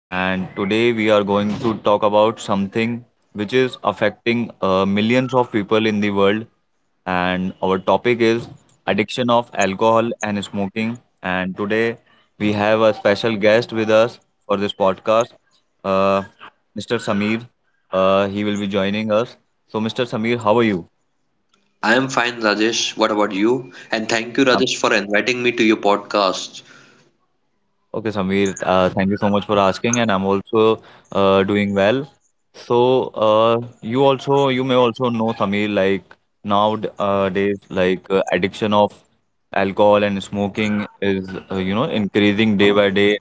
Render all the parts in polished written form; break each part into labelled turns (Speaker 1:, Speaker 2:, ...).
Speaker 1: And today we are going to talk about something which is affecting millions of people in the world. And our topic is addiction of alcohol and smoking. And today we have a special guest with us for this podcast, uh, Mr. Samir. He will be joining us. So, Mr. Samir, how are you?
Speaker 2: I am fine, Rajesh. What about you? And thank you, Rajesh, for inviting me to your podcast.
Speaker 1: Okay, Samir, thank you so much for asking, and I'm also doing well. So, you also, you may also know, Samir, like nowadays, addiction of alcohol and smoking is, increasing day by day,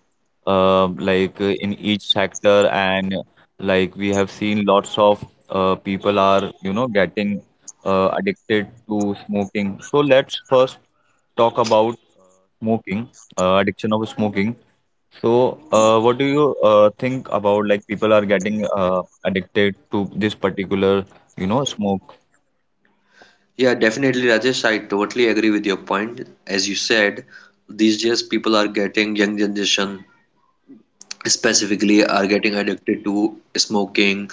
Speaker 1: in each sector, and like we have seen lots of people are, getting addicted to smoking. So let's first talk about smoking, addiction of smoking. So, what do you think about like people are getting addicted to this particular, smoke?
Speaker 2: Yeah, definitely, Rajesh. I totally agree with your point. As you said, these days people are getting, young generation specifically, are getting addicted to smoking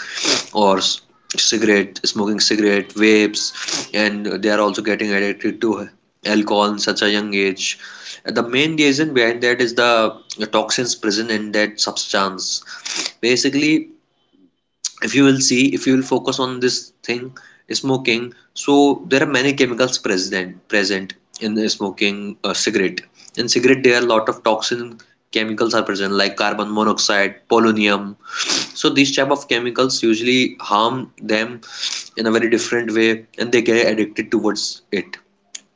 Speaker 2: or cigarette, smoking cigarette, vapes, and they are also getting addicted to alcohol in such a young age. The main reason behind that is the toxins present in that substance. Basically, if you will see, if you will focus on this thing, smoking, so there are many chemicals present in the smoking cigarette. In cigarette there are a lot of toxin chemicals are present like carbon monoxide, polonium. So these type of chemicals usually harm them in a very different way and they get addicted towards it.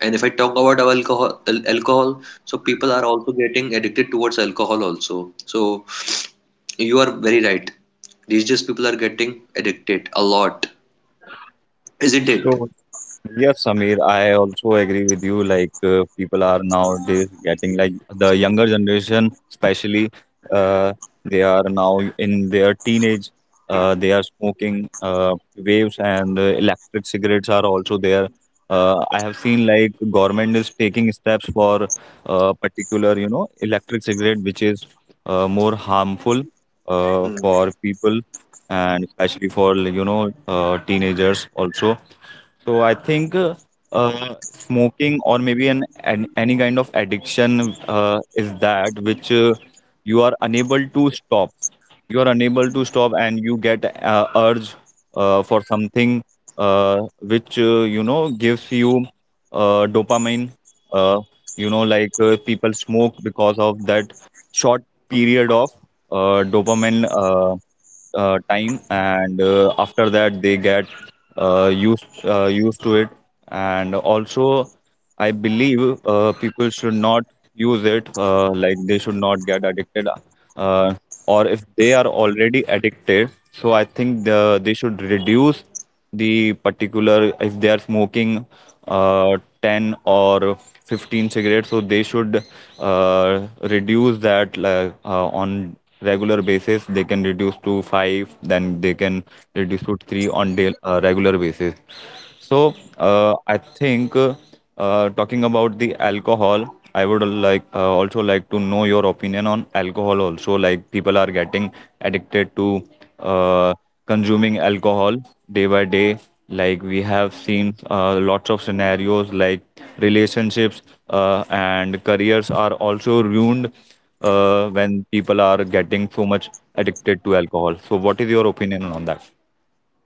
Speaker 2: And if I talk about alcohol, so people are also getting addicted towards alcohol also. So you are very right. These days people are getting addicted a lot, isn't it?
Speaker 1: So, Yes, Samir, I also agree with you. Like people are nowadays getting like the younger generation, especially uh, they are now in their teenage. They are smoking waves and electric cigarettes are also there. I have seen like government is taking steps for particular, electric cigarette which is more harmful
Speaker 2: Hmm.
Speaker 1: for people and especially for teenagers also. So I think smoking or maybe an any kind of addiction is that which you are unable to stop. You are unable to stop, and you get urge for something which gives you dopamine. Uh, people smoke because of that short period of dopamine time, and after that they get used to it. And also, I believe people should not use it. Like they should not get addicted, uh, or if they are already addicted, so I think they should reduce the particular if they are smoking 10 or 15 cigarettes, so they should reduce that. On regular basis they can reduce to 5, then they can reduce to 3 on daily regular basis. So I think talking about the alcohol, I would like also like to know your opinion on alcohol. Also, like people are getting addicted to uh, consuming alcohol day by day. Like we have seen lots of scenarios, like relationships and careers are also ruined when people are getting so much addicted to alcohol. So, what is your opinion on that?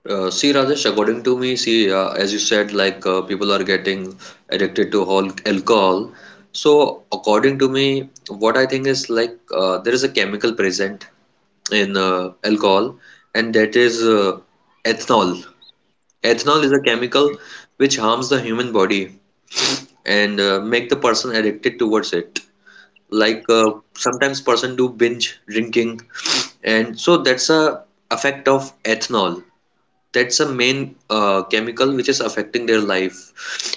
Speaker 2: See, Rajesh, according to me, see, as you said, people are getting addicted to all alcohol. So, according to me, what I think is there is a chemical present in alcohol, and that is ethanol. Ethanol is a chemical which harms the human body and make the person addicted towards it. Like sometimes person do binge drinking, and so that's a effect of ethanol. That's a main chemical which is affecting their life,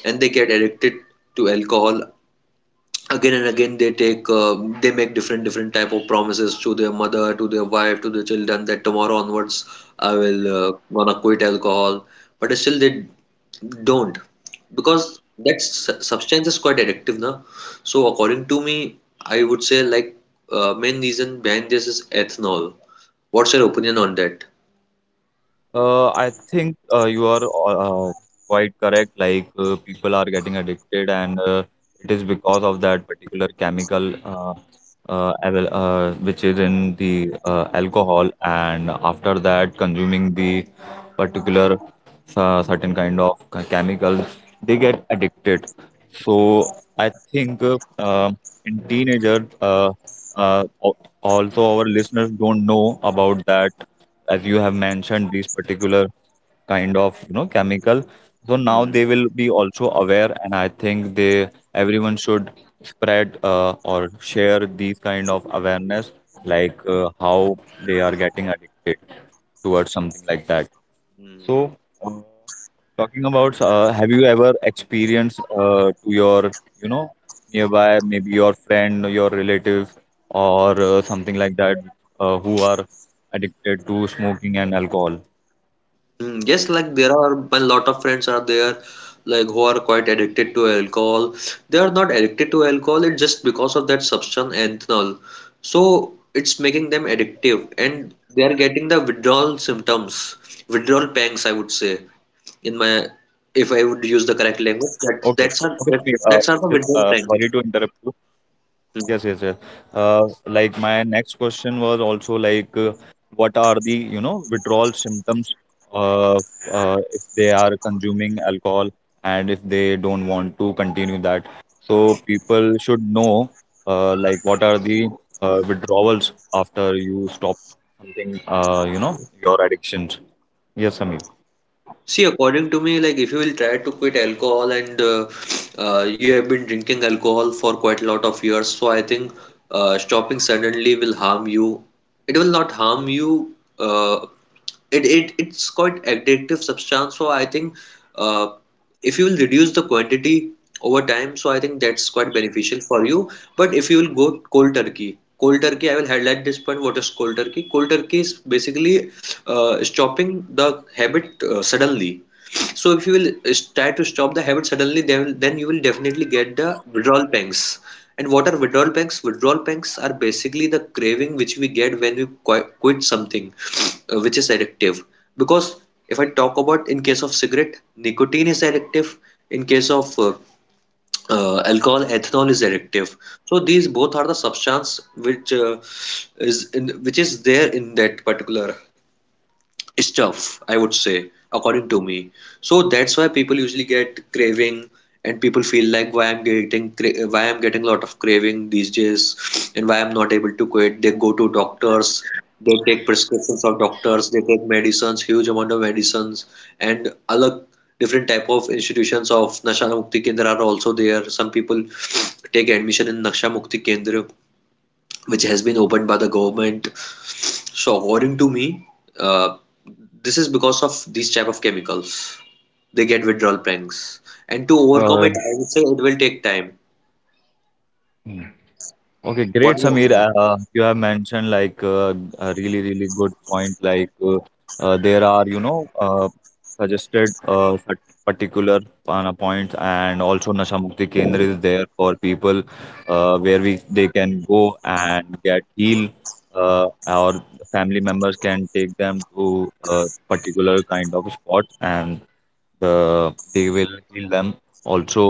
Speaker 2: and they get addicted to alcohol again and again. They take they make different different type of promises to their mother, to their wife, to their children, that tomorrow onwards I will gonna quit alcohol, but still they don't, because that substance is quite addictive now. So according to me, I would say like main reason behind this is ethanol. What's your opinion on that?
Speaker 1: I think you are quite correct. Like people are getting addicted, and it is because of that particular chemical which is in the alcohol, and after that, consuming the particular certain kind of chemical, they get addicted. So I think in teenagers, also our listeners don't know about that, as you have mentioned these particular kind of chemical. So now
Speaker 2: Hmm,
Speaker 1: they will be also aware, and I think they everyone should spread or share these kind of awareness, like how they are getting addicted towards something like that. So
Speaker 2: hmm.
Speaker 1: uh, talking about, have you ever experienced to your, you know, nearby, maybe your friend, your relative, or something like that, who are addicted to smoking and alcohol?
Speaker 2: Mm, yes, like there are a lot of friends are there, like who are quite addicted to alcohol. They are not addicted to alcohol, it's just because of that substance ethanol. So it's making them addictive, and they are getting the withdrawal symptoms, withdrawal pangs, I would say, in my, if I would
Speaker 1: Okay,
Speaker 2: use the correct
Speaker 1: okay,
Speaker 2: language,
Speaker 1: Sameer,
Speaker 2: that that's are
Speaker 1: this is
Speaker 2: that, that's are the
Speaker 1: sorry to
Speaker 2: withdrawal
Speaker 1: interrupt you.
Speaker 2: pangs.
Speaker 1: Yes, yes, yes.
Speaker 2: Mm,
Speaker 1: Uh, like my next question was also like, what are the, withdrawal symptoms uh, if they are consuming alcohol and if they don't want to continue that? So people should know like what are the withdrawals after you stop something, your addictions. Yes, Samir.
Speaker 2: mm. See, according to me, like if you will try to quit alcohol, and you have been drinking alcohol for quite a lot of years, so I think stopping suddenly will harm you. It will not harm you. It it's quite addictive substance, so I think uh, if you will reduce the quantity over time, so I think that's quite beneficial for you. But if you will go cold turkey, cold turkey, I will highlight this point. What is cold turkey? Cold turkey is basically stopping the habit suddenly. So if you will try to stop the habit suddenly, then you will definitely get the withdrawal pangs. And what are withdrawal pangs? Withdrawal pangs are basically the craving which we get when we quit something which is addictive. Because if I talk about, in case of cigarette, nicotine is addictive. In case of alcohol, ethanol is addictive. So these both are the substance which is in, which is there in that particular stuff, I would say, according to me. So that's why people usually get craving, and people feel like why I'm getting why I'm getting a lot of craving these days, and why I'm not able to quit. They go to doctors, they take prescriptions of doctors, they take medicines, huge amount of medicines, and other different type of institutions of nasha mukti kendra are also there. Some people take admission in nasha mukti kendra which has been opened by the government. So according to me, uh, this is because of these type of chemicals. They get withdrawal pangs, and to overcome
Speaker 1: Uh,
Speaker 2: it, I would say it will take time.
Speaker 1: Okay, great,
Speaker 2: What do you
Speaker 1: Samir.
Speaker 2: think?
Speaker 1: You have mentioned like a really, really good point. Like there are, suggested particular pana points, and also Nasha Mukti Kendra is there for people where we they can go and get healed. Our family members can take them to a particular kind of spot, and they will heal them also.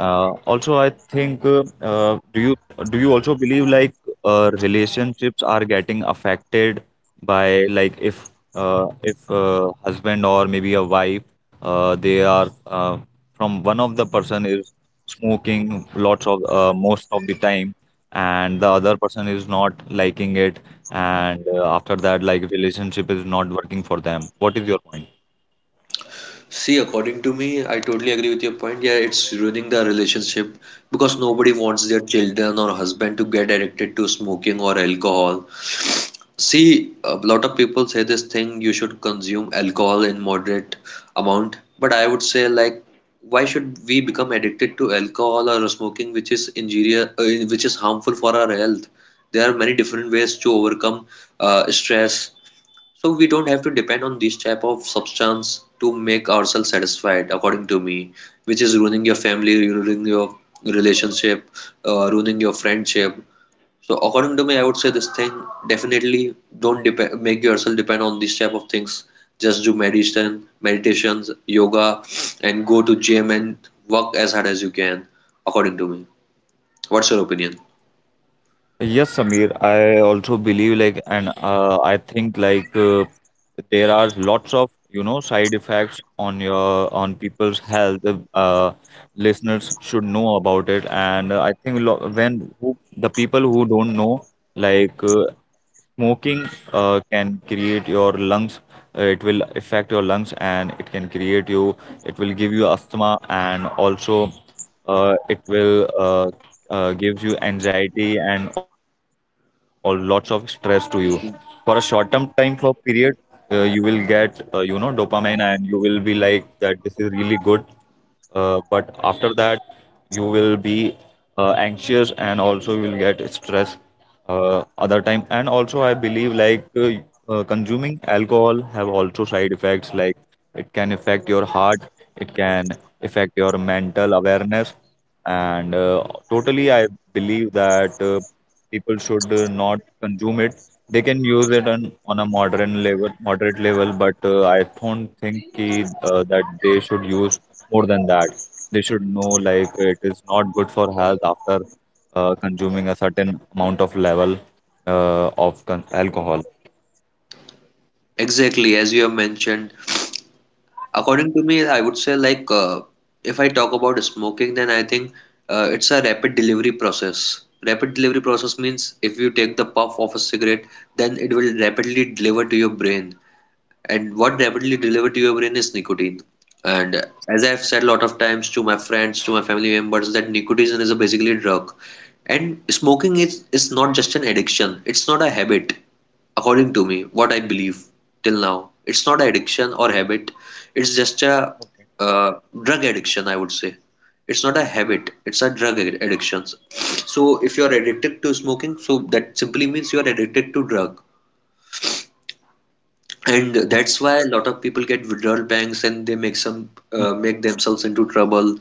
Speaker 1: Also I think do you also believe like relationships are getting affected by, like, if husband or maybe a wife they are from one of the person is smoking lots of most of the time, and the other person is not liking it, and after that like relationship is not working for them. What is your point?
Speaker 2: See, according to me, I totally agree with your point. Yeah, it's ruining the relationship because nobody wants their children or husband to get addicted to smoking or alcohol. See, a lot of people say this thing, you should consume alcohol in moderate amount, but I would say like why should we become addicted to alcohol or smoking which is injurious, which is harmful for our health? There are many different ways to overcome stress, so we don't have to depend on this type of substance to make ourselves satisfied, according to me, which is ruining your family, ruining your relationship, ruining your friendship. So according to me, I would say this thing, definitely don't depend, make yourself depend on these type of things. Just do meditation, meditations, yoga, and go to gym and work as hard as you can, according to me. What's your opinion?
Speaker 1: Yes, Samir, I also believe like. And I think like there are lots of side effects on your, on people's health. Uh, Listeners should know about it, and I think the people who don't know, like smoking can create your lungs. It will affect your lungs, and it can create you. It will give you asthma, and also it will gives you anxiety and all lots of stress to you for a short term time for period. You will get dopamine, and you will be like that this is really good, but after that you will be anxious, and also you will get stress other time. And also I believe like consuming alcohol have also side effects, like it can affect your heart, it can affect your mental awareness, and totally I believe that people should not consume it. They can use it on a modern level, moderate level, but I don't think ki, that they should use more than that. They should know like it is not good for health after consuming a certain amount of level of con alcohol.
Speaker 2: Exactly, as you have mentioned. According to me, I would say like if I talk about smoking, then I think it's a rapid delivery process. Rapid delivery process means if you take the puff of a cigarette, then it will rapidly deliver to your brain. And what rapidly delivered to your brain is nicotine. And as I've said a lot of times to my friends, to my family members, that nicotine is a basically drug. And smoking is not just an addiction, it's not a habit, according to me, what I believe till now. It's not an addiction or habit, it's just a uh, drug addiction, I would say. It's not a habit, it's a drug addiction. So if you are addicted to smoking, so that simply means you are addicted to drug, and
Speaker 1: Okay.
Speaker 2: that's why a lot of people get withdrawal banks and they make some make themselves into trouble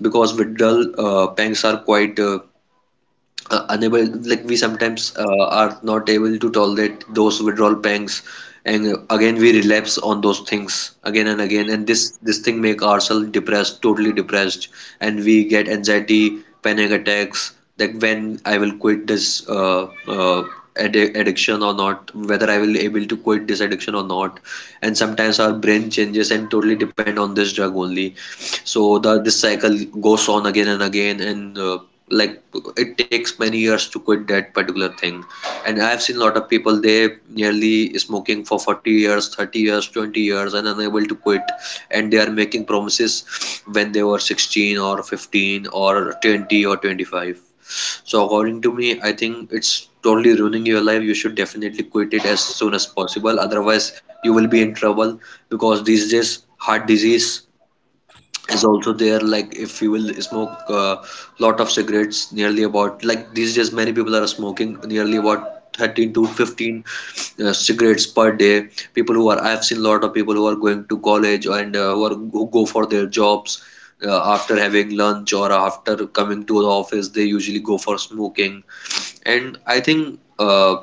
Speaker 2: because withdrawal banks are quite unable, like we sometimes are not able to tolerate those withdrawal pangs, and again we relapse on those things again and again, and this thing make ourselves depressed, totally depressed, and we get anxiety, panic attacks, like when I will quit this addiction or not, whether I will able to quit this addiction or not. And sometimes our brain changes and totally depend on this drug only. So the this cycle goes on again and again, and like it takes many years to quit that particular thing. And I have seen a lot of people, they nearly smoking for 40 years, 30 years, 20 years, and unable to quit. And they are making promises when they were 16 or 15 or 20 or 25. So according to me, I think it's totally ruining your life. You should definitely quit it as soon as possible. Otherwise, you will be in trouble because these days heart disease is also there. Like if you will smoke a lot of cigarettes, nearly about, like these days many people are smoking nearly about 13 to 15 cigarettes per day. People who are, I've seen a lot of people who are going to college and who go for their jobs, after having lunch or after coming to the office, they usually go for smoking. And I think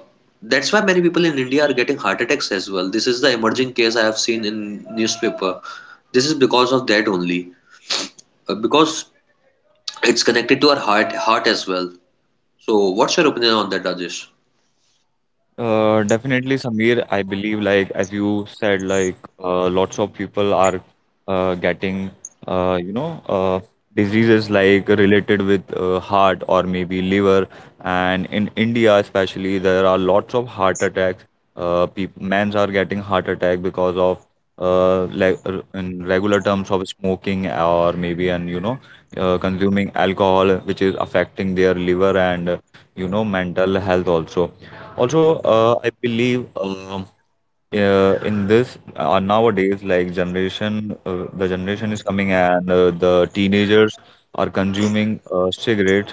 Speaker 2: that's why many people in India are getting heart attacks as well. This is the emerging case I have seen in newspaper. This is because of that only, because it's connected to our heart as well. So what's your opinion on that, Rajesh?
Speaker 1: Definitely, Samir. I believe, like as you said, like lots of people are getting, uh, you know, uh, diseases like related with heart or maybe liver. And in India, especially, there are lots of heart attacks. People, men's are getting heart attack because of in regular terms of smoking or maybe and consuming alcohol, which is affecting their liver and mental health also. Also, I believe in this nowadays, like generation, the generation is coming and the teenagers are consuming cigarette,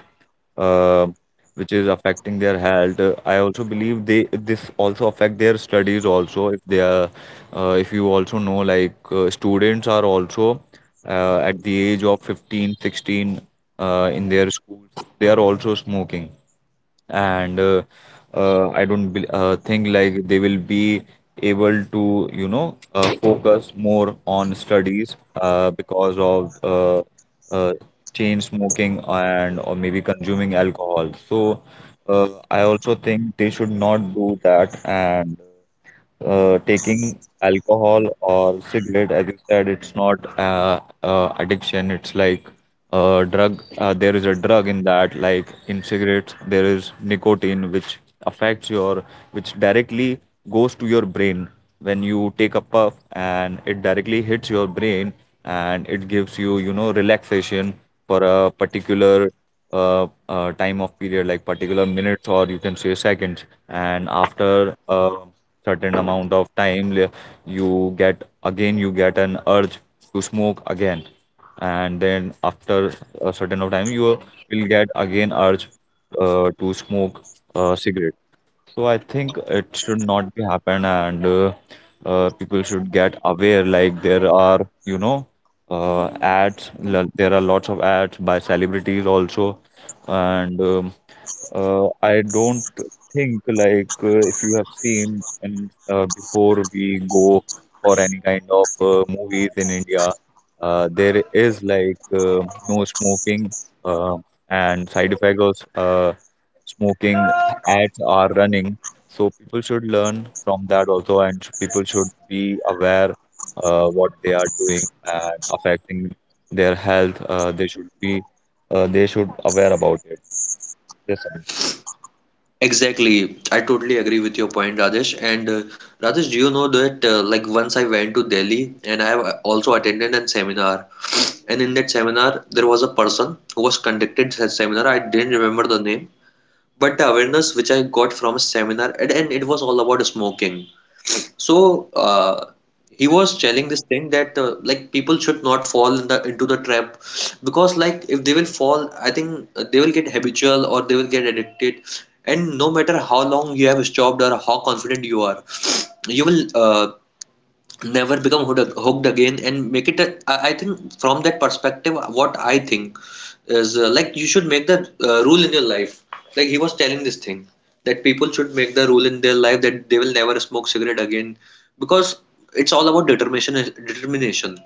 Speaker 1: uh, which is affecting their health. I also believe they this also affect their studies also. If they are, if you also know, like students are also at the age of 15, 16, in their schools, they are also smoking, and I don't bel think like they will be able to focus more on studies because of uh, chain smoking and or maybe consuming alcohol. So I also think they should not do that. And taking alcohol or cigarette, as you said, it's not addiction, it's like drug. There is a drug in that, like in cigarettes there is nicotine which affects your, which directly goes to your brain when you take a puff, and it directly hits your brain, and it gives you you know relaxation for a particular time of period, like particular minutes or you can say seconds. And after a certain amount of time you get, again you get an urge, you smoke again. And then after a certain of time you will get again urge to smoke a cigarette. So I think it should not be happen. And people should get aware, like there are you know uh, ads. There are lots of ads by celebrities also. And I don't think like if you have seen, and before we go for any kind of movies in India, there is like no smoking uh, and side effects of smoking ads are running. So people should learn from that also, and people should be aware what they are doing and affecting their health. They should be they should aware about it. Yes,
Speaker 2: Exactly. I totally agree with your point, Rajesh. And Rajesh, do you know that like once I went to Delhi and I have also attended a seminar, and in that seminar there was a person who was conducted that seminar. I didn't remember the name, but the awareness which I got from a seminar, and it was all about smoking. So he was telling this thing that like people should not fall in the into the trap because like if they will fall, I think they will get habitual or they will get addicted, and no matter how long you have stopped or how confident you are, you will never become hooked again, and make it a, I think from that perspective what I think is like you should make the rule in your life. Like he was telling this thing that people should make the rule in their life that they will never smoke cigarette again, because it's all about determination, determination.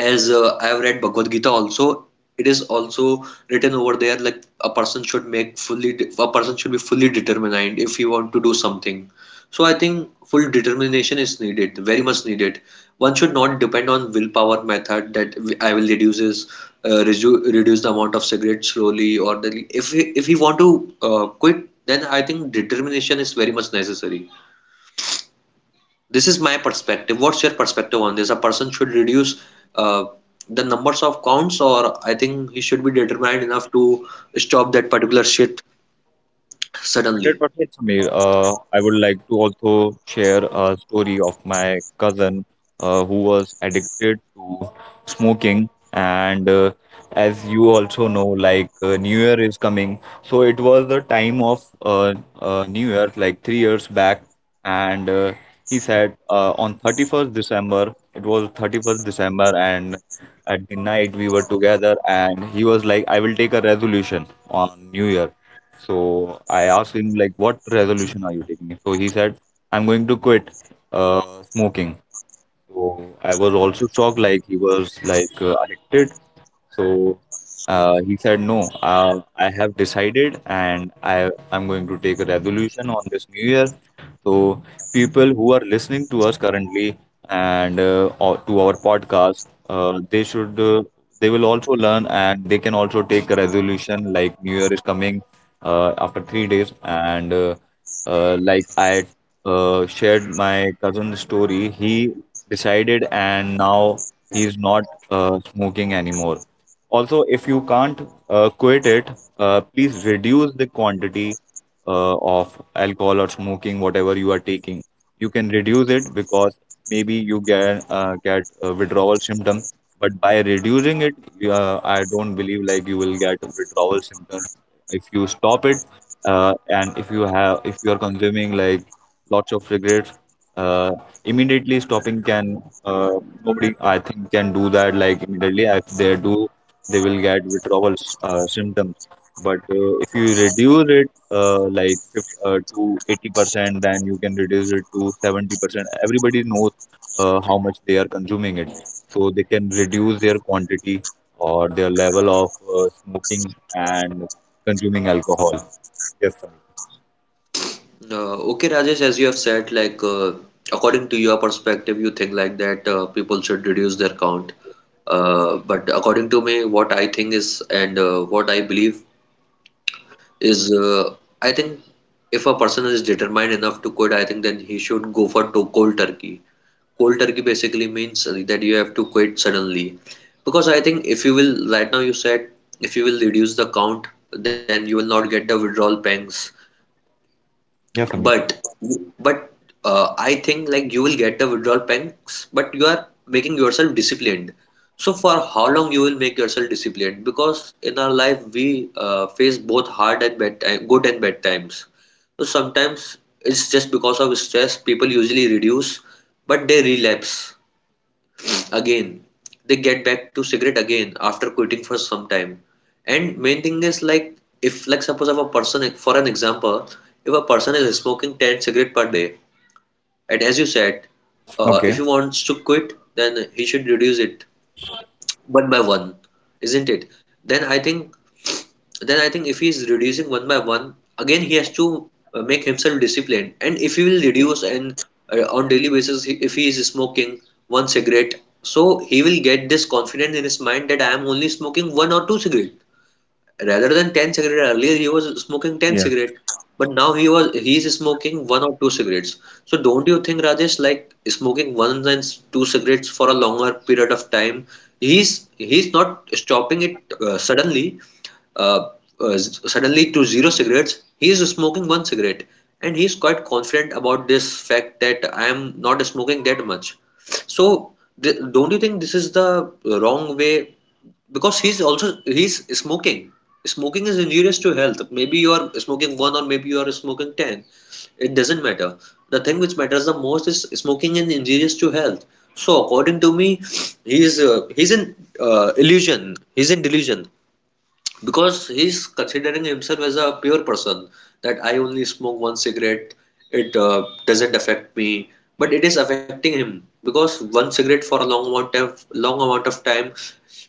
Speaker 2: As I've read Bhagavad Gita also, it is also written over there like a person should make fully, a person should be fully determined if he want to do something. So I think full determination is needed, very much needed. One should not depend on willpower method that I will uh, reduce the amount of cigarettes slowly or if he want to quit, then I think determination is very much necessary. This is my perspective. What's your perspective on this? A person should reduce uh, the numbers of counts, or I think he should be determined enough to stop that particular shit suddenly.
Speaker 1: 100% Samir. I would like to also share a story of my cousin who was addicted to smoking. And as you also know, like New Year is coming. So it was the time of New Year, like 3 years back. And he said on 31st December, it was 31st December, and at the night we were together. And he was like, I will take a resolution on New Year. So I asked him like, what resolution are you taking? So he said, I'm going to quit smoking. So I was also shocked, like he was like addicted. So he said, "No, I have decided, and I'm going to take a resolution on this new year." So people who are listening to us currently and or to our podcast, they should they will also learn, and they can also take a resolution like New Year is coming after 3 days, and like I shared my cousin's story. He decided, and now he's not smoking anymore. Also, if you can't quit it, please reduce the quantity of alcohol or smoking, whatever you are taking. You can reduce it because maybe you get get a withdrawal symptom, but by reducing it, I don't believe like you will get withdrawal symptoms if you stop it. And if you have, if you are consuming like lots of cigarettes, uh, immediately stopping can nobody I think can do that like immediately. If they do, they will get withdrawal symptoms. But if you reduce it, like if, to 80%, then you can reduce it to 70%. Everybody knows how much they are consuming it, so they can reduce their quantity or their level of smoking and consuming alcohol. Yes, Samir.
Speaker 2: Okay, Rajesh, as you have said, like according to your perspective, you think like that people should reduce their count. But according to me, what I think is, and what I believe is, I think if a person is determined enough to quit, I think then he should go for to cold turkey. Cold turkey basically means that you have to quit suddenly, because I think, if you will, right now you said, if you will reduce the count then you will not get the withdrawal pangs.
Speaker 1: Yes, Samir.
Speaker 2: But but uh, I think like you will get the withdrawal pangs, but you are making yourself disciplined. So for how long you will make yourself disciplined, because in our life we face both hard and bad time, good and bad times. So sometimes it's just because of stress people usually reduce, but they relapse again. They get back to cigarette again after quitting for some time. And main thing is like, if like, suppose if a person, like for an example, if a person is smoking 10 cigarette per day, and as you said, if
Speaker 1: Okay.
Speaker 2: he wants to quit then he should reduce it one by one, isn't it? Then I think, then I think if he is reducing one by one, again he has to make himself disciplined. And if he will reduce and on daily basis, if he is smoking one cigarette, so he will get this confidence in his mind that I am only smoking one or two cigarette rather than 10 cigarette. Earlier he was smoking 10 cigarette, but now he's smoking one or two cigarettes. So don't you think, Rajesh, like smoking one and two cigarettes for a longer period of time, he's not stopping it suddenly, uh, suddenly, to zero cigarettes he is smoking one cigarette, and he's quite confident about this fact that I am not smoking that much. So don't you think this is the wrong way? Because he's also, he's smoking. Smoking is injurious to health. Maybe you are smoking one, or maybe you are smoking 10. It doesn't matter. The thing which matters the most is smoking is injurious to health. So according to me, he's in illusion. He's in delusion because he's considering himself as a pure person, that I only smoke one cigarette, it doesn't affect me, but it is affecting him, because one cigarette for a long amount of time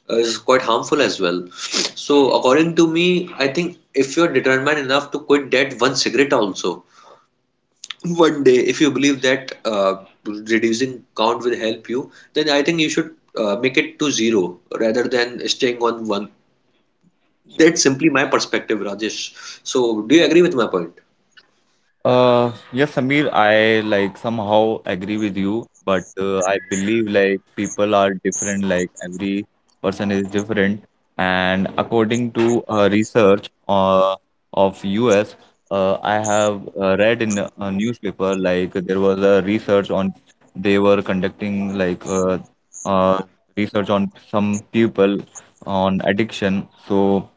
Speaker 2: is quite harmful as well. So according to me, I think if you're determined enough to quit that one cigarette also, one day, if you believe that reducing count will help you, then I think you should make it to zero rather than staying on one. That's simply my perspective, Rajesh. So, do you agree with my point?
Speaker 1: Yes, Samir, I like somehow agree with you, but I believe like people are different, like every person is different. And according to research of US, I have read in a newspaper like there was a research on, they were conducting like uh, research on some people on addiction. So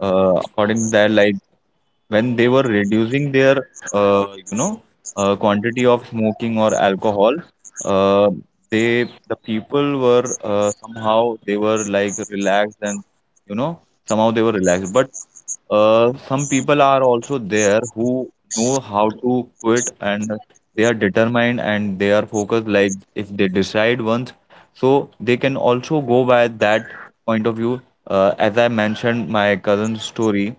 Speaker 1: according to that, like when they were reducing their uh, you know quantity of smoking or alcohol, uh, they the people were somehow they were like relaxed, and you know somehow they were relaxed. But some people are also there who know how to quit, and they are determined and they are focused, like if they decide once, so they can also go by that point of view. As I mentioned my cousin's story,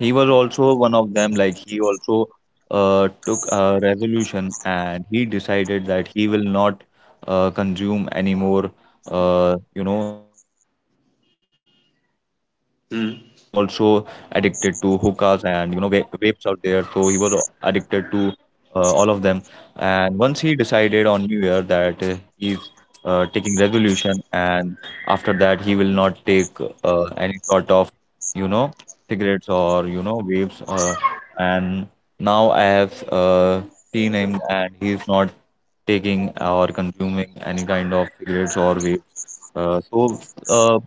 Speaker 1: he was also one of them. Like he also took a resolution and he decided that he will not consume any more, cigarettes. And he was also
Speaker 2: Hmm.
Speaker 1: addicted to hookahs and you know va vapes out there. So he was addicted to all of them. And once he decided on New Year that he's taking resolution, and after that he will not take any sort of, you know, cigarettes or you know vapes, and now I have seen him and he's not taking or consuming any kind of cigarettes or vape. Uh, so, uh,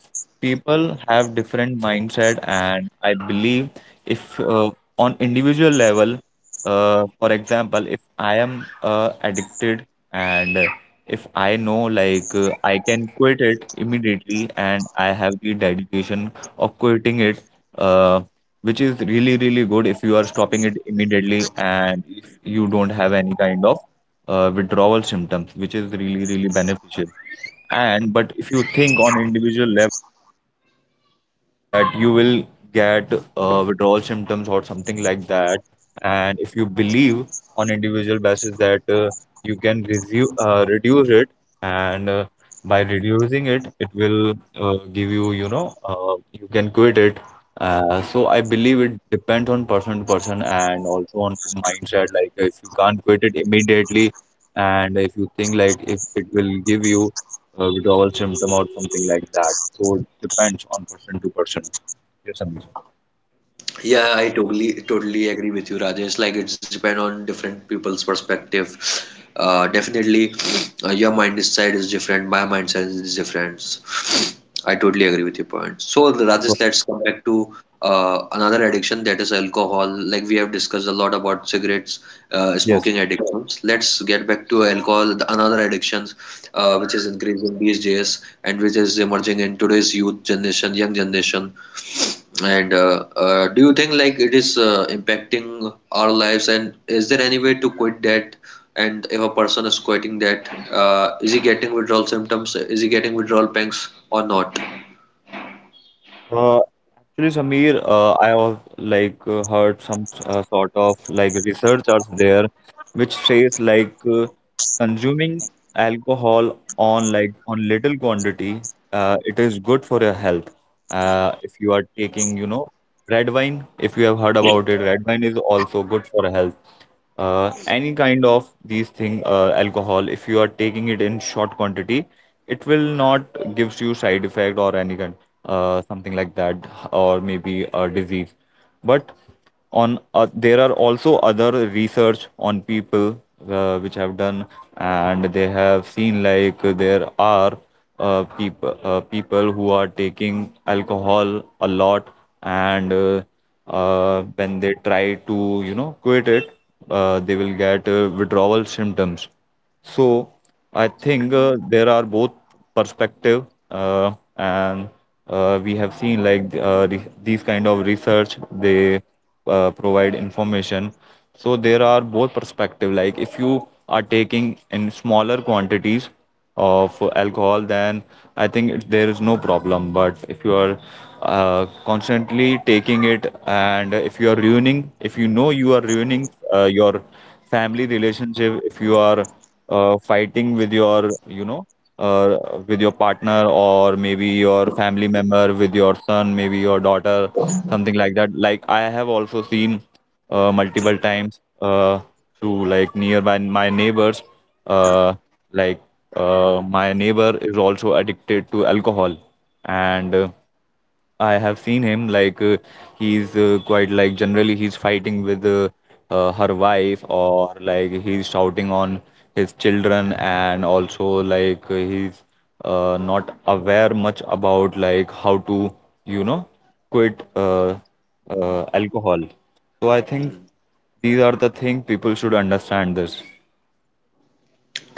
Speaker 1: people have different mindset, and I believe if on individual level, for example, if I am addicted, and if I know like I can quit it immediately and I have the dedication of quitting it, uh, which is really, really good if you are stopping it immediately and if you don't have any kind of withdrawal symptoms, which is really, really beneficial. And but if you think on individual level that you will get withdrawal symptoms or something like that, and if you believe on individual basis that you can resu reduce it, and by reducing it, it will give you, you know, you can quit it. So I believe it depends on person to person, and also on mindset, like if you can't quit it immediately and if you think like if it will give you withdrawal symptom or something like that. So it depends on person to person. Yes, Samir.
Speaker 2: Yeah, I totally agree with you, Rajesh. Like, it's depend on different people's perspective. Definitely, your mindset is different. My mindset is different. I totally agree with your point. So,
Speaker 1: So,
Speaker 2: Rajesh, let's come back to another addiction that is alcohol. Like we have discussed a lot about cigarettes,
Speaker 1: yes.
Speaker 2: smoking addictions. Let's get back to alcohol, the another addictions which is increasing these days and which is emerging in today's youth generation, young generation. And do you think like it is impacting our lives? And is there any way to quit that? And if a person is quitting that, is he getting withdrawal symptoms? Is he getting withdrawal pangs or not?
Speaker 1: Uh, actually, Samir, I have like heard some sort of like research there, which says like consuming alcohol on like on little quantity, it is good for your health. If you are taking, you know, Red wine, if you have heard about it, red wine is also good for health. Any kind of these thing, alcohol, if you are taking it in short quantity, it will not gives you side effect or any kind, something like that, or maybe a disease. But on, there are also other research on people, which have done, and they have seen like there are people people who are taking alcohol a lot, and when they try to, you know, quit it, they will get withdrawal symptoms. So I think there are both perspective, and we have seen like th- re these kind of research, they provide information. So there are both perspective. Like if you are taking in smaller quantities of alcohol, then I think it, there is no problem. But if you are constantly taking it, and if you are ruining, if you know you are ruining your family relationship, if you are fighting with your, you know, uh, with your partner or maybe your family member, with your son, maybe your daughter, something like that. Like I have also seen multiple times to like nearby my neighbors, uh, like my neighbor is also addicted to alcohol and. I have seen him like he's quite like generally he's fighting with her wife, or like he's shouting on his children, and also like he's not aware much about like how to, you know, quit alcohol. So I think
Speaker 2: Hmm.
Speaker 1: these are the thing people should understand this.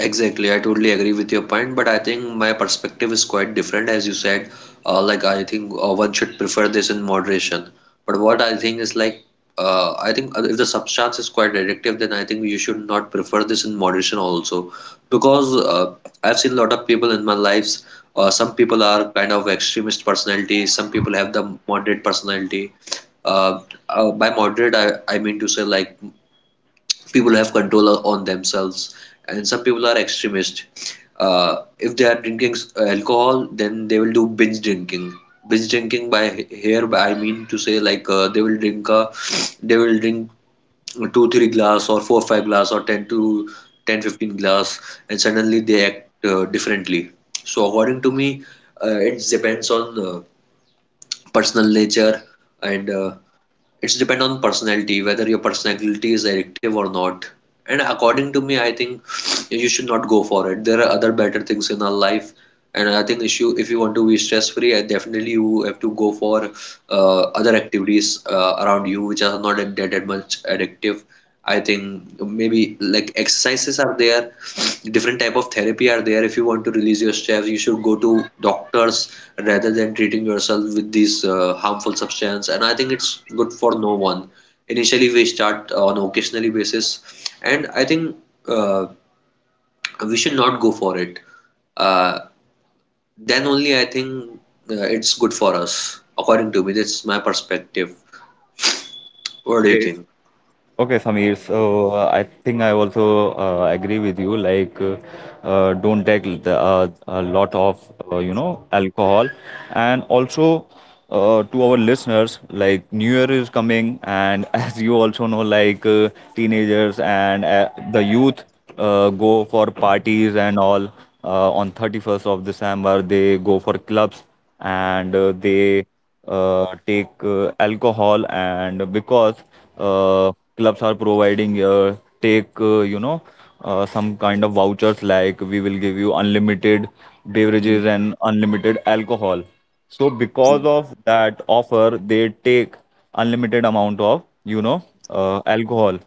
Speaker 2: Exactly, I totally agree with your point, but I think my perspective is quite different. As you said, like I think one should prefer this in moderation. But what I think is like, I think if the substance is quite addictive, then I think you should not prefer this in moderation also, because I've seen a lot of people in my lives. Some people are kind of extremist personality. Some people have the moderate personality. Uh, by moderate, I mean to say like people have control on themselves, and some people are extremist. If they are drinking alcohol, then they will do binge drinking. Binge drinking, by here I mean to say like they will drink two three glass or four five glass or 10 to 10, 15 glass, and suddenly they act differently. So according to me, it depends on personal nature, and it's depend on personality, whether your personality is addictive or not. And according to me, I think you should not go for it. There are other better things in our life. And I think if if you want to be stress free, definitely you have to go for other activities around you, which are not that much addictive. I think maybe like exercises are there, different type of therapy are there. If you want to release your stress, you should go to doctors rather than treating yourself with these harmful substance. And I think it's good for no one. Initially, we start on occasionally basis, and I think uh, we should not go for it. Uh, then only I think it's good for us, according to me. That's my perspective. What do you
Speaker 1: Okay,
Speaker 2: think?
Speaker 1: okay, Samir. So I think I also agree with you. Like, don't take the, a lot of you know alcohol, and also to our listeners, like New Year is coming, and as you also know, like teenagers and the youth go for parties and all on 31st of December. They go for clubs, and they take alcohol, and because clubs are providing take you know some kind of vouchers like we will give you unlimited
Speaker 2: Mm.
Speaker 1: beverages and unlimited alcohol. So
Speaker 2: Mm.
Speaker 1: because of that offer they take unlimited amount of you know alcohol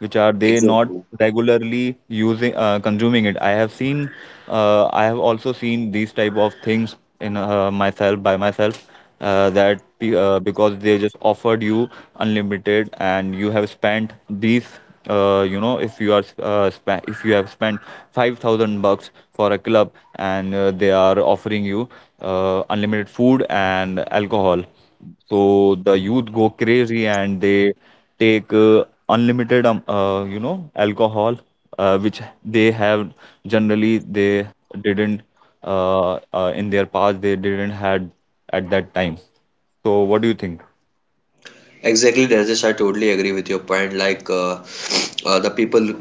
Speaker 1: which are they not
Speaker 2: Exactly.
Speaker 1: regularly using consuming it. I have seen, I have also seen these type of things in myself by myself, that the, because they just offered you unlimited and you have spent these, you know, if you are if you have spent 5000 bucks for a club, and they are offering you unlimited food and alcohol, so the youth go crazy and they take unlimited you know alcohol, which they have generally they didn't in their past they didn't had at that time. So what do you think?
Speaker 2: Exactly, Rajesh. I totally agree with your point. Like the people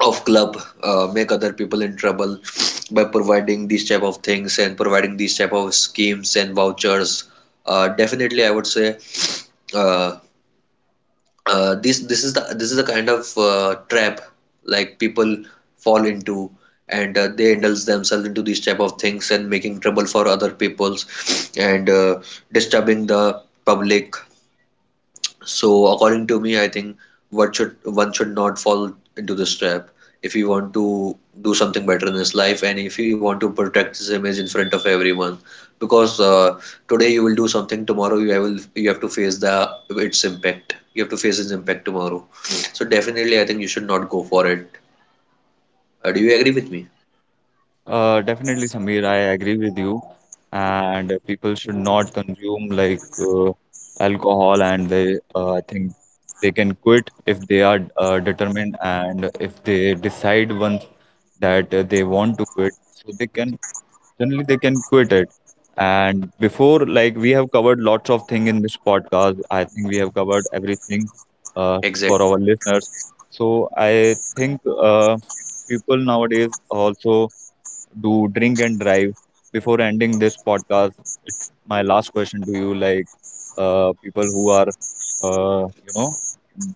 Speaker 2: of club make other people in trouble by providing these type of things and providing these type of schemes and vouchers. Definitely, I would say uh, this is the kind of trap, like people fall into, and they indulge themselves into these type of things and making trouble for other peoples, and disturbing the public. So according to me, I think what should one should not fall into this trap if he want to do something better in his life, and if he want to protect his image in front of everyone. Because today you will do something, tomorrow you have to face the its impact. You have to face its impact tomorrow. So definitely, I think you should not go for it. Do you agree with me?
Speaker 1: Definitely, Samir, I agree with you. And people should not consume like alcohol, and they, I think, they can quit if they are determined, and if they decide once that they want to quit, so they can, generally they can quit it. And before, like we have covered lots of thing in this podcast. I think we have covered everything for our
Speaker 2: Exactly.
Speaker 1: listeners. So I think people nowadays also do drink and drive. Before ending this podcast, it's my last question to you. Like, people who are, you know,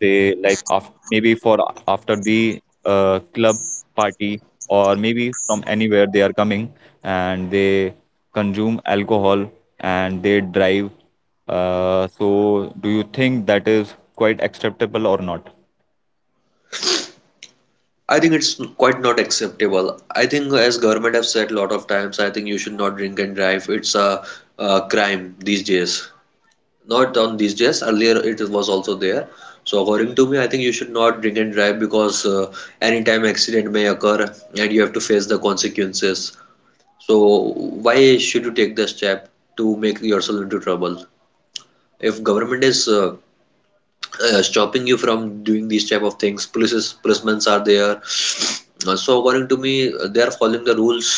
Speaker 1: they like af maybe for after the club party or maybe from anywhere they are coming, and they consume alcohol, and they drive. So, do you think that is quite acceptable or not?
Speaker 2: I think it's quite not acceptable. I think as government have said a lot of times, I think you should not drink and drive. It's a crime these days. Not on these days, earlier it was also there. So according to me, I think you should not drink and drive, because anytime accident may occur, and you have to face the consequences. So why should you take the step to make yourself into trouble, if government is stopping you from doing these type of things? Policemen are there. So according to me, they are following the rules.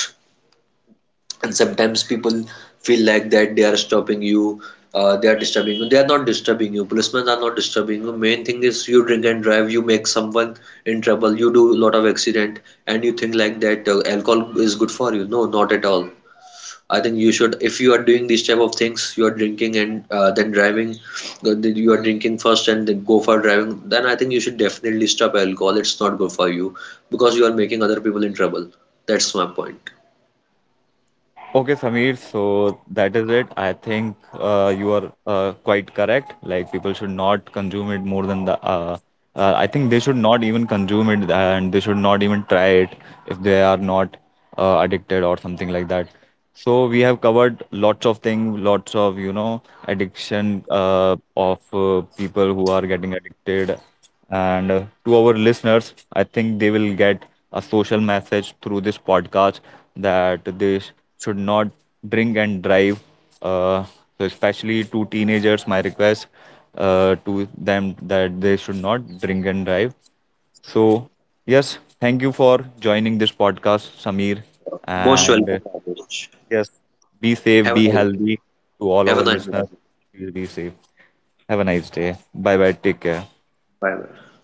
Speaker 2: And sometimes people feel like that they are stopping you, they are disturbing you, they are not disturbing you. Policemen are not disturbing you. Main thing is, you drink and drive, you make someone in trouble, you do a lot of accident, and you think like that alcohol is good for you. No, not at all. I think you should, if you are doing these type of things, you are drinking and then driving, then you are drinking first and then go for driving, then I think you should definitely stop alcohol. It's not good for you, because you are making other people in trouble. That's my point.
Speaker 1: Okay, Samir, so that is it. I think you are quite correct. Like, people should not consume it more than the. I think they should not even consume it and they should not even try it if they are not addicted or something like that. So, we have covered lots of things, lots of, you know, addiction of people who are getting addicted, and to our listeners, I think they will get a social message through this podcast that should not drink and drive. Uh, so especially to teenagers, my request to them that they should not drink and drive. So, yes, thank you for joining this podcast, Samir.
Speaker 2: Most
Speaker 1: And
Speaker 2: welcome, Rajesh.
Speaker 1: yes, be safe,
Speaker 2: Have a
Speaker 1: be
Speaker 2: nice day.
Speaker 1: healthy to all
Speaker 2: Have a
Speaker 1: our
Speaker 2: nice
Speaker 1: listeners.
Speaker 2: day.
Speaker 1: Please be safe. Have a nice day. Bye bye. Take care.
Speaker 2: Bye bye.